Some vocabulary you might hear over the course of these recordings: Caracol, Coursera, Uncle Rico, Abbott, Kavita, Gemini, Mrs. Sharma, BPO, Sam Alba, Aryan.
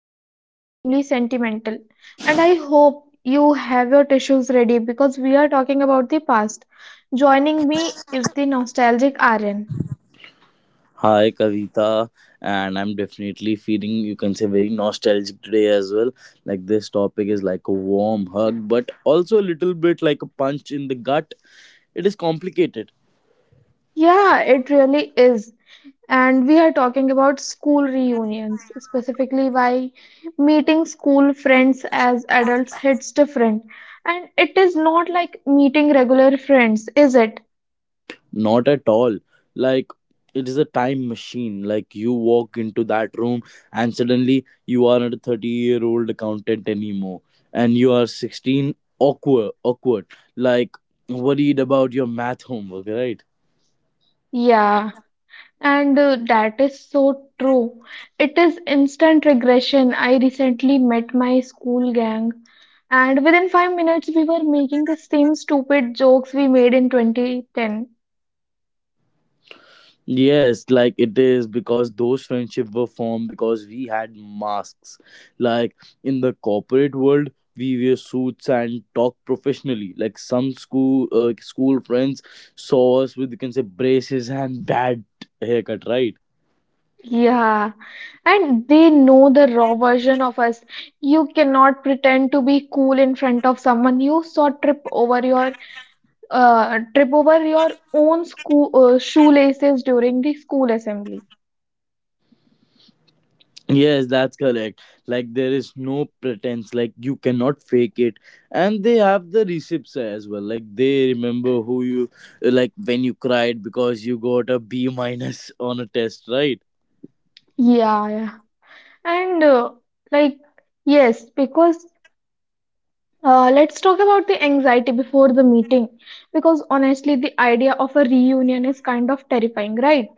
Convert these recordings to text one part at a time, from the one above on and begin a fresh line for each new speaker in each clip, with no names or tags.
getting extremely sentimental, and I hope you have your tissues ready because we are talking about the past. Joining me is the nostalgic RN.
Hi, Kavita, and I'm definitely feeling, you can say, very nostalgic today as well. Like, this topic is like a warm hug, but also a little bit like a punch in the gut. It is complicated.
Yeah, it really is. And we are talking about school reunions, specifically why meeting school friends as adults hits different. And it is not like meeting regular friends, is it?
Not at all. Like, it is a time machine. Like, you walk into that room, and suddenly you are not a 30-year-old accountant anymore, and you are 16, awkward, like worried about your math homework, right?
Yeah. And that is so true. It is instant regression. I recently met my school gang, and within 5 minutes, we were making the same stupid jokes we made in 2010.
Yes, like it is because those friendships were formed because we had masks. Like, in the corporate world, we wear suits and talk professionally. Like, some school school friends saw us with, you can say, braces and bad haircut, right?
Yeah, and they know the raw version of us. You cannot pretend to be cool in front of someone. You saw trip over your own school shoelaces during the school assembly.
Yes, that's correct. Like, there is no pretense. Like, you cannot fake it, and they have the receipts as well. Like, they remember who you, like when you cried because you got a B minus on a test, right?
Yeah, yeah. And like, yes, because Let's talk about the anxiety before the meeting. Because honestly, the idea of a reunion is kind of terrifying, right?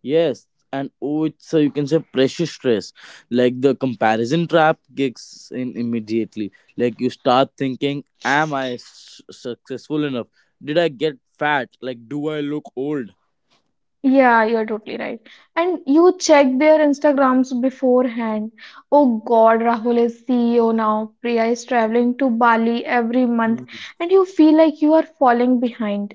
Yes, and oh, it's a, you can say, pressure stress. Like, the comparison trap kicks in immediately. Like, you start thinking, "Am I successful enough? Did I get fat? Like, do I look old?"
Yeah, you're totally right. And you check their Instagrams beforehand. Oh God, Rahul is CEO now. Priya is traveling to Bali every month,
Mhm.
and you feel like you are falling behind.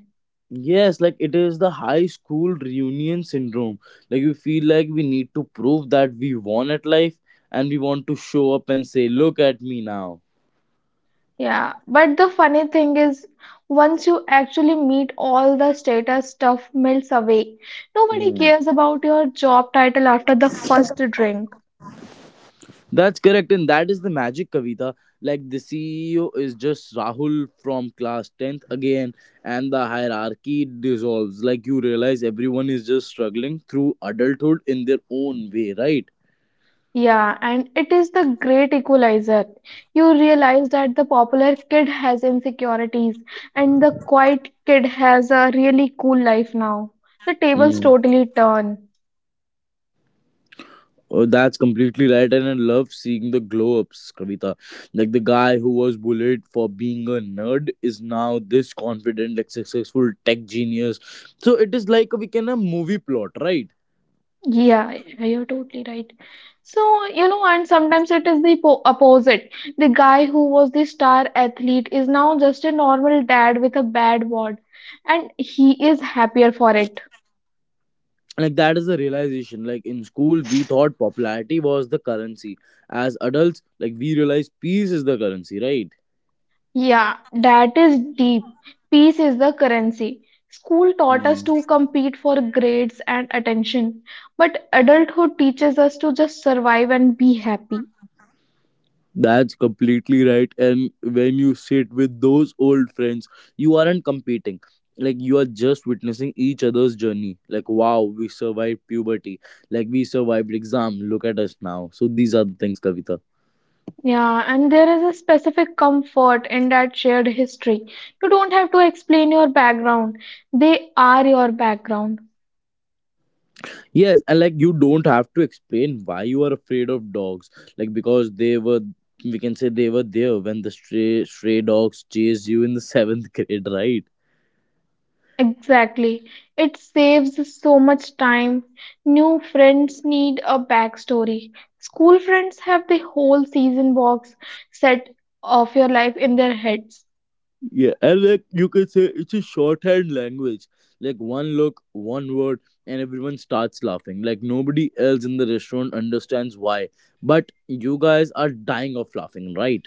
Yes, like it is the high school reunion syndrome. Like, we feel like we need to prove that we won at life, and we want to show up and say, "Look at me now."
Yeah, but the funny thing is, once you actually meet all the status stuff melts away. Nobody cares about your job title after the first drink.
That's correct, and that is the magic, Kavita. Like, the CEO is just Rahul from class 10th again, and the hierarchy dissolves. Like, you realize everyone is just struggling through adulthood in their own way, right?
Yeah, and it is the great equalizer. You realize that the popular kid has insecurities and the quiet kid has a really cool life now. The tables
Mm.
totally turn.
Oh, that's completely right, and I love seeing the glow ups, Kavita. Like, the guy who was bullied for being a nerd is now this confident, like successful tech genius. So it is like a, we can a movie plot, right?
Yeah, yeah, you're totally right. So, you know, and sometimes it is the po opposite. The guy who was the star athlete is now just a normal dad with a bad word, and he is happier for it.
Like, that is the realization. Like, in school we thought popularity was the currency. As adults, like, we realize peace is the currency, right?
Yeah, that is deep. Peace is the currency. School taught us
Hmm.
to compete for grades and attention, but adulthood teaches us to just survive and be happy.
That's completely right, and when you sit with those old friends, you aren't competing. Like, you are just witnessing each other's journey. Like, wow, we survived puberty, like we survived exam. Look at us now. So these are the things, Kavita.
Yeah, and there is a specific comfort in that shared history. You don't have to explain your background. They are your background.
Yes, and like you don't have to explain why you are afraid of dogs. Like, because they were, we can say they were there when the stray dogs chased you in the seventh grade, right?
Exactly. It saves so much time. New friends need a backstory. School friends have the whole season box set of your life in their heads.
Yeah, and like you can say it's a shorthand language. Like, one look, one word, and everyone starts laughing. Like, nobody else in the restaurant understands why, but you guys are dying of laughing, right?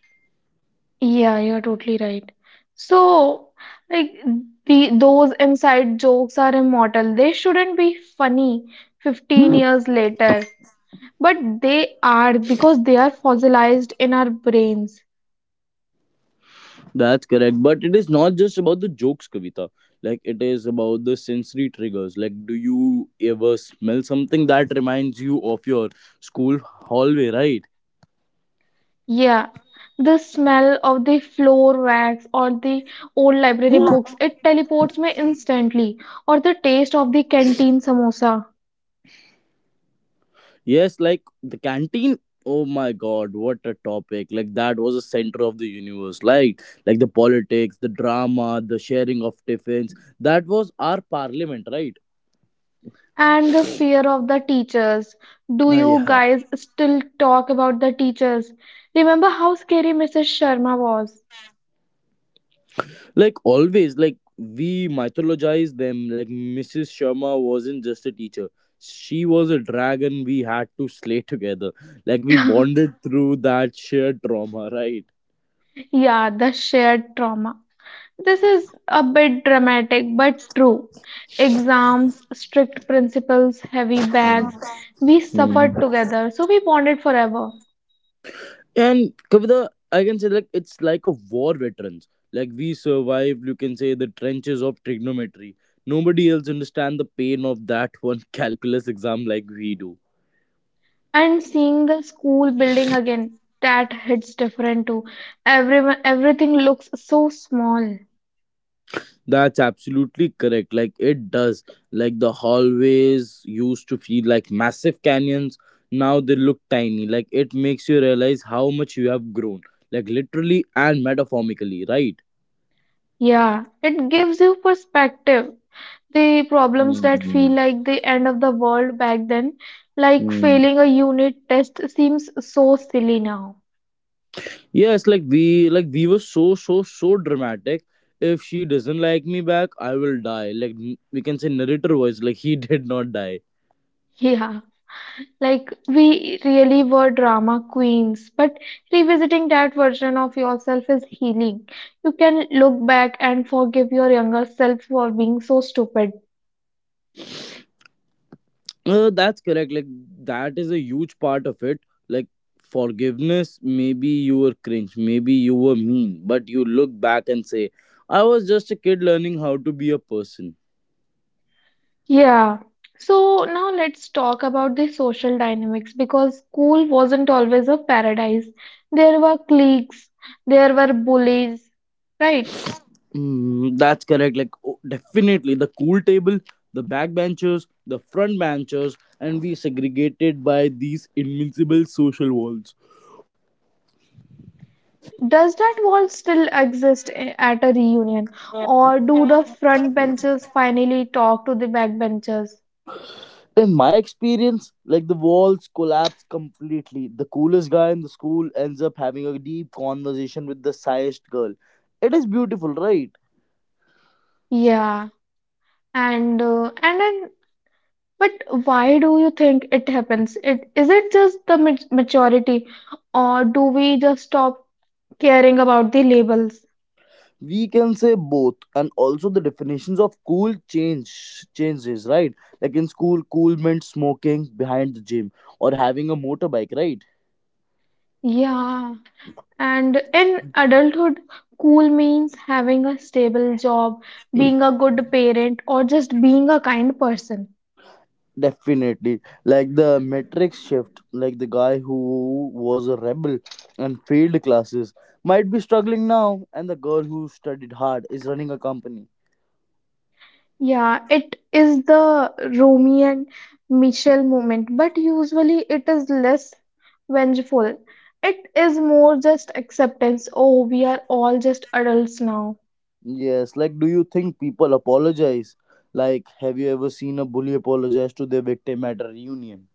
Yeah, you're totally right. So, like the those inside jokes are immortal. They shouldn't be funny 15 years later. But they are because they are fossilized in our brains.
That's correct. But it is not just about the jokes, Kavita. Like, it is about the sensory triggers. Like, do you ever smell something that reminds you of your school hallway, right?
Yeah. The smell of the floor wax or the old library books, it teleports me instantly. Or the taste of the canteen samosa
Yes, like the canteen. Oh my god, what a topic. Like, that was a center of the universe. Like the politics, the drama, the sharing of tiffins. That was our parliament, right?
and the fear of the teachers. Do
Ah,
you
yeah.
guys still talk about the teachers? Remember how scary Mrs. Sharma was?
Like always, like we mythologize them. Like, Mrs. Sharma wasn't just a teacher. She was a dragon we had to slay together. Like, we bonded through that shared trauma, right?
Yeah, the shared trauma. This is a bit dramatic but true. Exams, strict principles, heavy bags. We
Hmm.
suffered together, so we bonded forever.
And Kavita, I can say like it's like a war veterans. Like, we survived, you can say, the trenches of trigonometry. Nobody else understand the pain of that one calculus exam like we do.
And seeing the school building again, that hits different too. Everyone, everything looks so small.
That's absolutely correct. Like, it does. Like, the hallways used to feel like massive canyons. Now they look tiny. Like, it makes you realize how much you have grown. Like, literally and metaphorically, right?
Yeah, it gives you perspective. The problems that
Hmm.
feel like the end of the world back then, like
Hmm.
failing a unit test, seems so silly now.
Yes, like we were so so so dramatic. If she doesn't like me back, I will die. Like, we can say narrator voice, like he did not die.
Yeah. Like, we really were drama queens, but revisiting that version of yourself is healing. You can look back and forgive your younger self for being so stupid.
That's correct. Like, that is a huge part of it. Like, forgiveness, maybe you were cringe, maybe you were mean, but you look back and say, "I was just a kid learning how to be a person."
Yeah. So now let's talk about the social dynamics because school wasn't always a paradise. There were cliques, there were bullies, right?
Mm, that's correct. Like, oh, definitely the cool table, the back benchers, the front benchers, and we segregated by these invincible social walls.
Does that wall still exist at a reunion, or do the front benches finally talk to the back benches?
In my experience, like the walls collapse completely. The coolest guy in the school ends up having a deep conversation with the shyest girl. It is beautiful, right?
Yeah, and then, but why do you think it happens? It is it just the maturity, or do we just stop caring about the labels?
We can say both, and also the definitions of cool changes, right? Like, in school, cool meant smoking behind the gym or having a motorbike, right?
Yeah, and in adulthood, cool means having a stable job, being a good parent, or just being a kind person.
Definitely. Like, the matrix shift, like the guy who was a rebel and failed classes might be struggling now, and the girl who studied hard is running a company.
Yeah, it is the Romeo and Michelle moment, but usually it is less vengeful. It is more just acceptance. Oh, we are all just adults now.
Yes, like do you think people apologize? Like, have you ever seen a bully apologize to their victim at a reunion?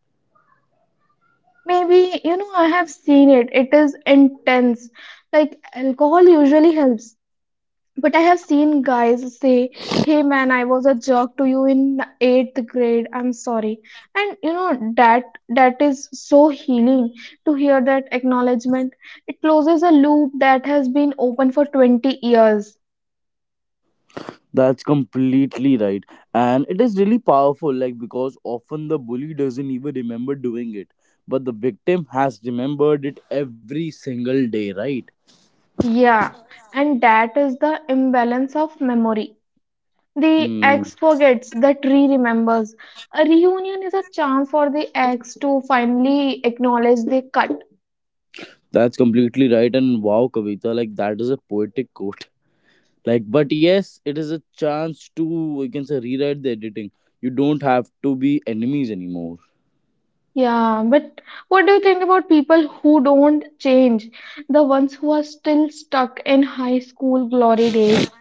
Maybe, you know, I have seen it. It is intense. Like alcohol usually helps. But I have seen guys say, "Hey man, I was a jerk to you in eighth grade. I'm sorry." And you know that that is so healing to hear that acknowledgement. It closes a loop that has been open for 20 years.
That's completely right. And it is really powerful, like, because often the bully doesn't even remember doing it, but the victim has remembered it every single day, right?
Yeah, and that is the imbalance of memory. The
Hmm.
ex forgets, the tree remembers. A reunion is a chance for the ex to finally acknowledge the cut.
That's completely right. And wow, Kavita, like that is a poetic quote. Like, but yes, it is a chance to, you can say, rewrite the editing. You don't have to be enemies anymore.
Yeah, but what do you think about people who don't change? The ones who are still stuck in high school glory days.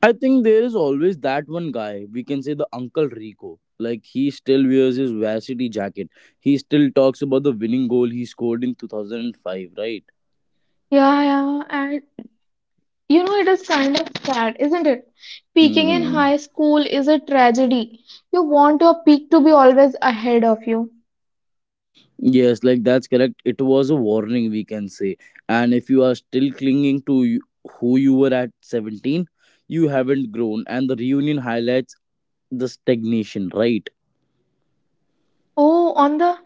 I think there is always that one guy, we can say the Uncle Rico. Like, he still wears his varsity jacket. He still talks about the winning goal he scored in 2005, right?
Yeah, yeah, and you know, it is kind of sad, isn't it? Peaking in
Hmm.
high school is a tragedy. You want your peak to be always ahead of you.
Yes, like that's correct. It was a warning, we can say. And if you are still clinging to you, who you were at 17, you haven't grown. And the reunion highlights the stagnation, right?
Oh, on the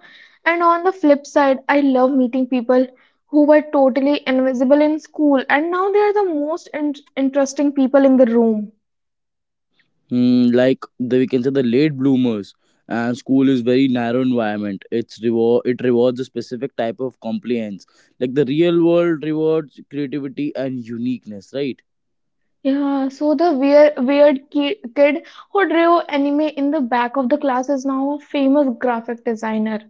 and on the flip side, I love meeting people who were totally invisible in school and now they are the most in interesting people in the room.
Mm, like the, we can say, the late bloomers. And school is very narrow environment. It's reward, it rewards a specific type of compliance. Like, the real world rewards creativity and uniqueness, right?
Yeah, so the weird kid who drew anime in the back of the class is now a famous graphic designer.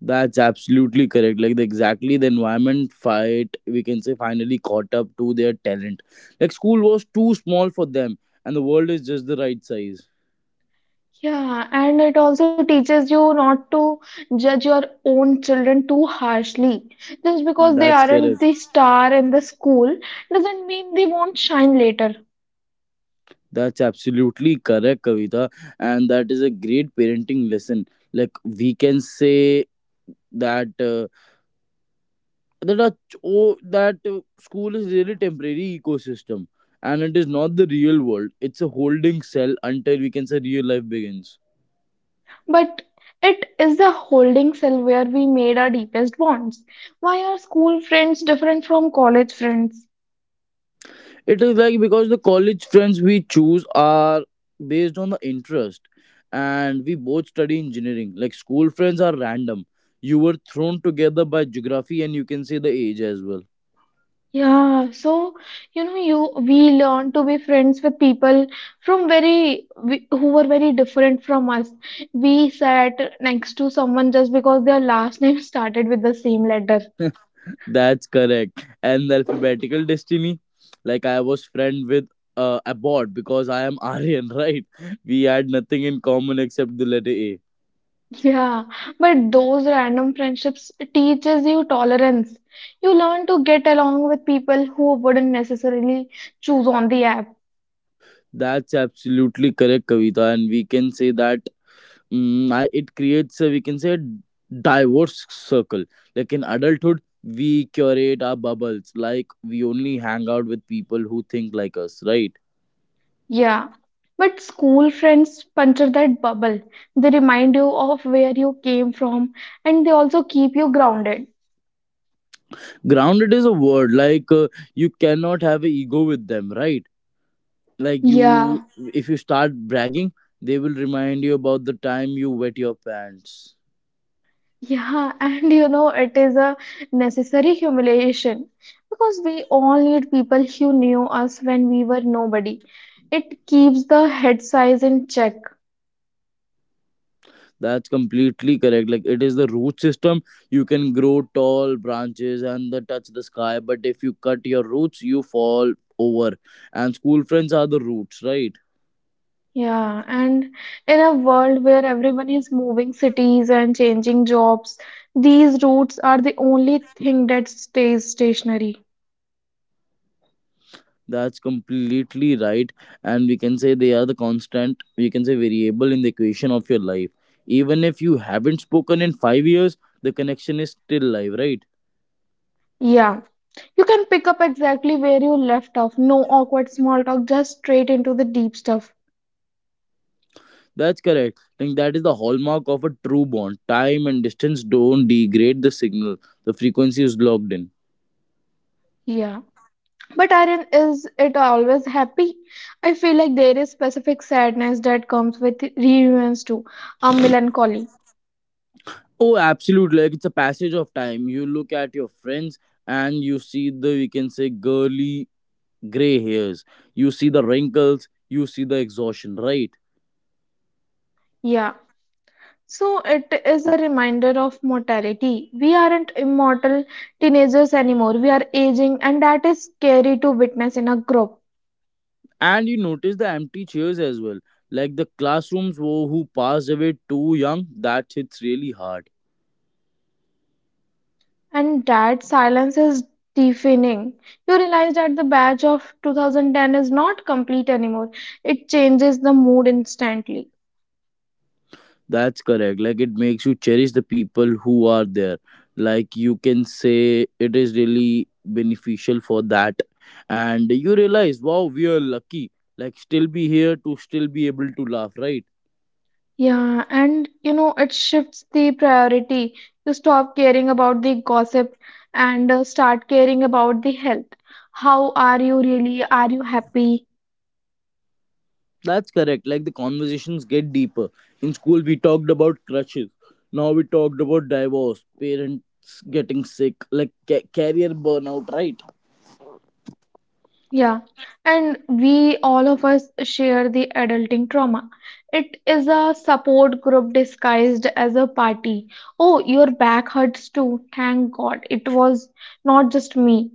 That's absolutely correct. Like, the exactly the environment fight, we can say, finally caught up to their talent. Like, school was too small for them, and the world is just the right size.
Yeah, and it also teaches you not to judge your own children too harshly. Just because they
That's
aren't
correct.
the star in the school doesn't mean they won't shine later.
That's absolutely correct, Kavita. And that is a great parenting lesson. Like, we can say that school is really temporary ecosystem, and it is not the real world. It's a holding cell until, we can say, real life begins.
But it is the holding cell where we made our deepest bonds. Why are school friends different from college friends?
It is like because the college friends we choose are based on the interest, and we both study engineering. Like, school friends are random. You were thrown together by geography, and, you can say, the age as well.
Yeah, so you know, you we learn to be friends with people from who were very different from us. We sat next to someone just because their last name started with the same letter.
That's correct. And the alphabetical destiny, like I was friend with Abbott because I am Aryan, right? We had nothing in common except the letter A.
Yeah, but those random friendships teaches you tolerance. You learn to get along with people who wouldn't necessarily choose on the app.
That's absolutely correct, Kavita, and we can say that it creates a, we can say, a diverse circle. Like, in adulthood we curate our bubbles. Like, we only hang out with people who think like us, right?
Yeah, but school friends puncture that bubble. They remind you of where you came from and they also keep you grounded.
Grounded is a word, like, you cannot have an ego with them, right? Like, you,
Yeah,
if you start bragging, they will remind you about the time you wet your pants.
yeah, and you know, it is a necessary humiliation because we all need people who knew us when we were nobody. It keeps the head size in check.
That's completely correct. Like, it is the root system. You can grow tall branches and the touch the sky, but if you cut your roots, you fall over. And school friends are the roots, right?
Yeah, and in a world where everyone is moving cities and changing jobs, these roots are the only thing that stays stationary.
That's completely right. And we can say they are the constant, we can say, variable in the equation of your life. Even if you haven't spoken in 5 years, the connection is still live, right?
Yeah, you can pick up exactly where you left off. No awkward small talk, just straight into the deep stuff.
That's correct. Like, that is the hallmark of a true bond. Time and distance don't degrade the signal. The frequency is locked in.
Yeah. But Aaron, is it always happy? I feel like there is specific sadness that comes with reunions too, a melancholy.
Oh, absolutely. Like, it's a passage of time. You look at your friends and you see the, we can say, girly gray hairs. You see the wrinkles. You see the exhaustion, right?
Yeah. So it is a reminder of mortality. We aren't immortal teenagers anymore. We are aging, and that is scary to witness in a group.
And you notice the empty chairs as well. Like, the classrooms who passed away too young, that hits really hard.
And that silence is deafening. You realize that the badge of 2010 is not complete anymore. It changes the mood instantly.
That's correct. Like, it makes you cherish the people who are there. Like, you can say it is really beneficial for that. And you realize, wow, we are lucky. Like, still be here to still be able to laugh, right?
Yeah, and you know, it shifts the priority. You stop caring about the gossip and start caring about the health. How are you really? Are you happy?
That's correct. Like, the conversations get deeper. In school we talked about crushes. Now we talked about divorce, parents getting sick, like career burnout, right?
Yeah, and we all of us share the adulting trauma. It is a support group disguised as a party. Oh, your back hurts too. Thank God. It was not just me.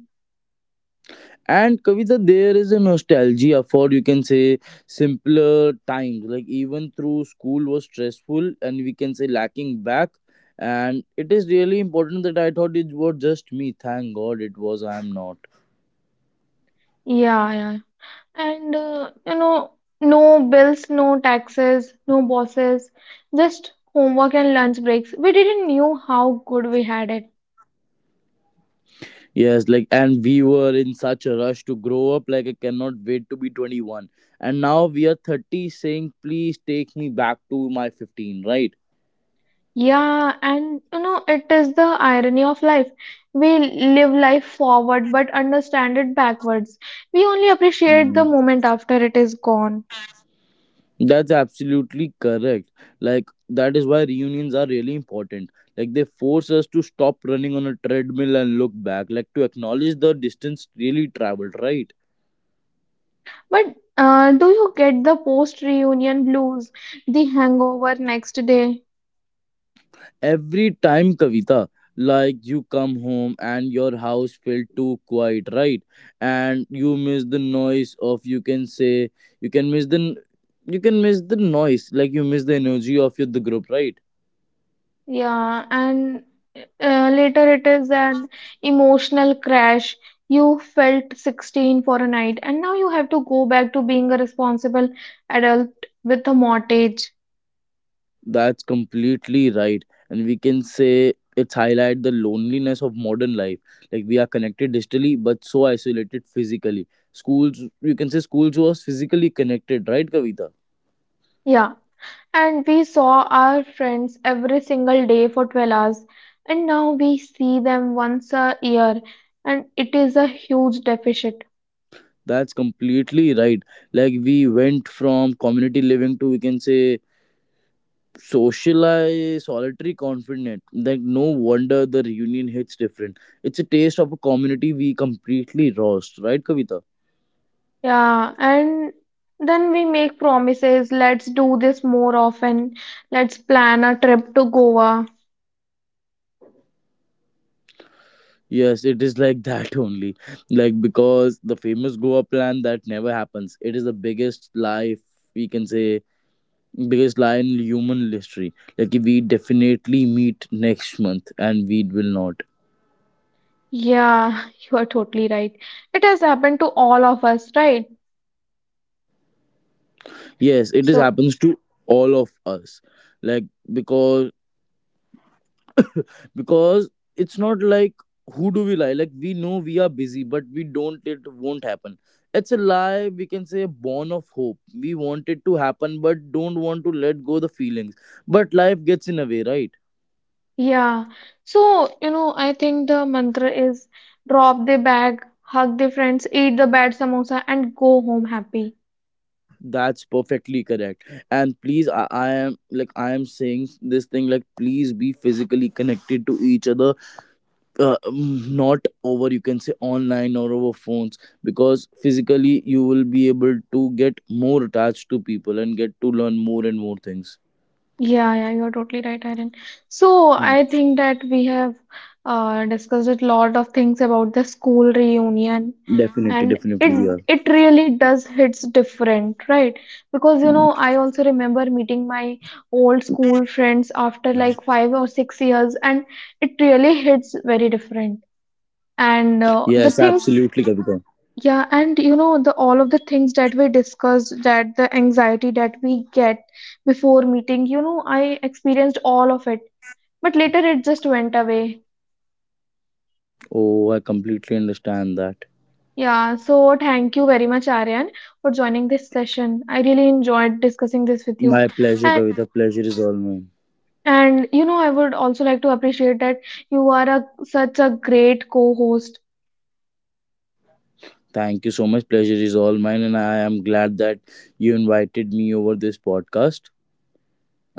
And Kavita, there is a nostalgia for, you can say, simpler times. Like, even through school was stressful and, we can say, lacking back. And it is really important that I thought it was just me. Thank God it was I am not.
Yeah, yeah. And you know, no bills, no taxes, no bosses, just homework and lunch breaks. We didn't knew how good we had it.
Yes, like and we were in such a rush to grow up. Like, I cannot wait to be 21. And now we are 30 saying please take me back to my 15, right?
Yeah, and you know, it is the irony of life. We live life forward but understand it backwards. We only appreciate the moment after it is gone.
That's absolutely correct. Like, that is why reunions are really important. Like, they force us to stop running on a treadmill and look back, like to acknowledge the distance really traveled, right?
But Do you get the post reunion blues, the hangover next day?
Every time, Kavita, like you come home and your house felt too quiet, right? And you miss the noise of, you can say, you can miss the you can miss the noise, like you miss the energy of your the group, right?
Yeah, and later it is an emotional crash. You felt 16 for a night, and now you have to go back to being a responsible adult with a mortgage.
That's completely right. And we can say it's highlight the loneliness of modern life. Like, we are connected digitally but so isolated physically. Schools you can say schools was physically connected, right, Kavita?
Yeah. And we saw our friends every single day for 12 hours, and now we see them once a year, and it is a huge deficit.
That's completely right. Like, we went from community living to, we can say, socialized solitary confinement. Like, no wonder the reunion hits different. It's a taste of a community we completely lost, right, Kavita?
Yeah, and then we make promises, let's do this more often, let's plan a trip to Goa.
Yes, it is like that only. Like, because the famous Goa plan that never happens. It is the biggest lie if, we can say, biggest lie in human history. Like, we definitely meet next month and we will not.
Yeah, you are totally right. It has happened to all of us, right?
Yes, it is
So
happens to all of us. Like, because because it's not like who do we lie. Like, we know we are busy but we don't, it won't happen. It's a lie, we can say, born of hope. We want it to happen but don't want to let go the feelings, but life gets in a way, right?
yeah. So, you know, I think the mantra is drop the bag, hug the friends, eat the bad samosa, and go home happy.
That's perfectly correct. And please, I am like I am saying this thing, like please be physically connected to each other. Not over, you can say, online or over phones, because physically you will be able to get more attached to people and get to learn more and more things.
Yeah, yeah, you're totally right, Irene. So,
Mm,
I think that we have discussed a lot of things about the school reunion,
definitely
and
definitely we are.
it really does hits different, right? Because you know, I also remember meeting my old school friends after like 5 or 6 years, and it really hits very different. and uh,
Yes,
the things
absolutely, Kavita.
yeah and you know, the all of the things that we discussed, that the anxiety that we get before meeting, you know, I experienced all of it, but later it just went away.
Oh, I completely understand that.
Yeah, so thank you very much Aryan for joining this session. I really enjoyed discussing this with you.
My pleasure,
and
Kavita, pleasure is all mine.
and you know, I would also like to appreciate that you are a such a great co-host.
Thank you so much, pleasure is all mine, and I am glad that you invited me over this podcast,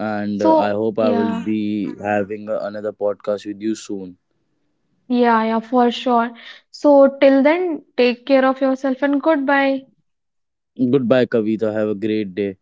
and I
So
hope I will
yeah.
be having another podcast with you soon.
Yeah, yeah, for sure. So till then, take care of yourself and goodbye.
Goodbye, Kavita. Have a great day.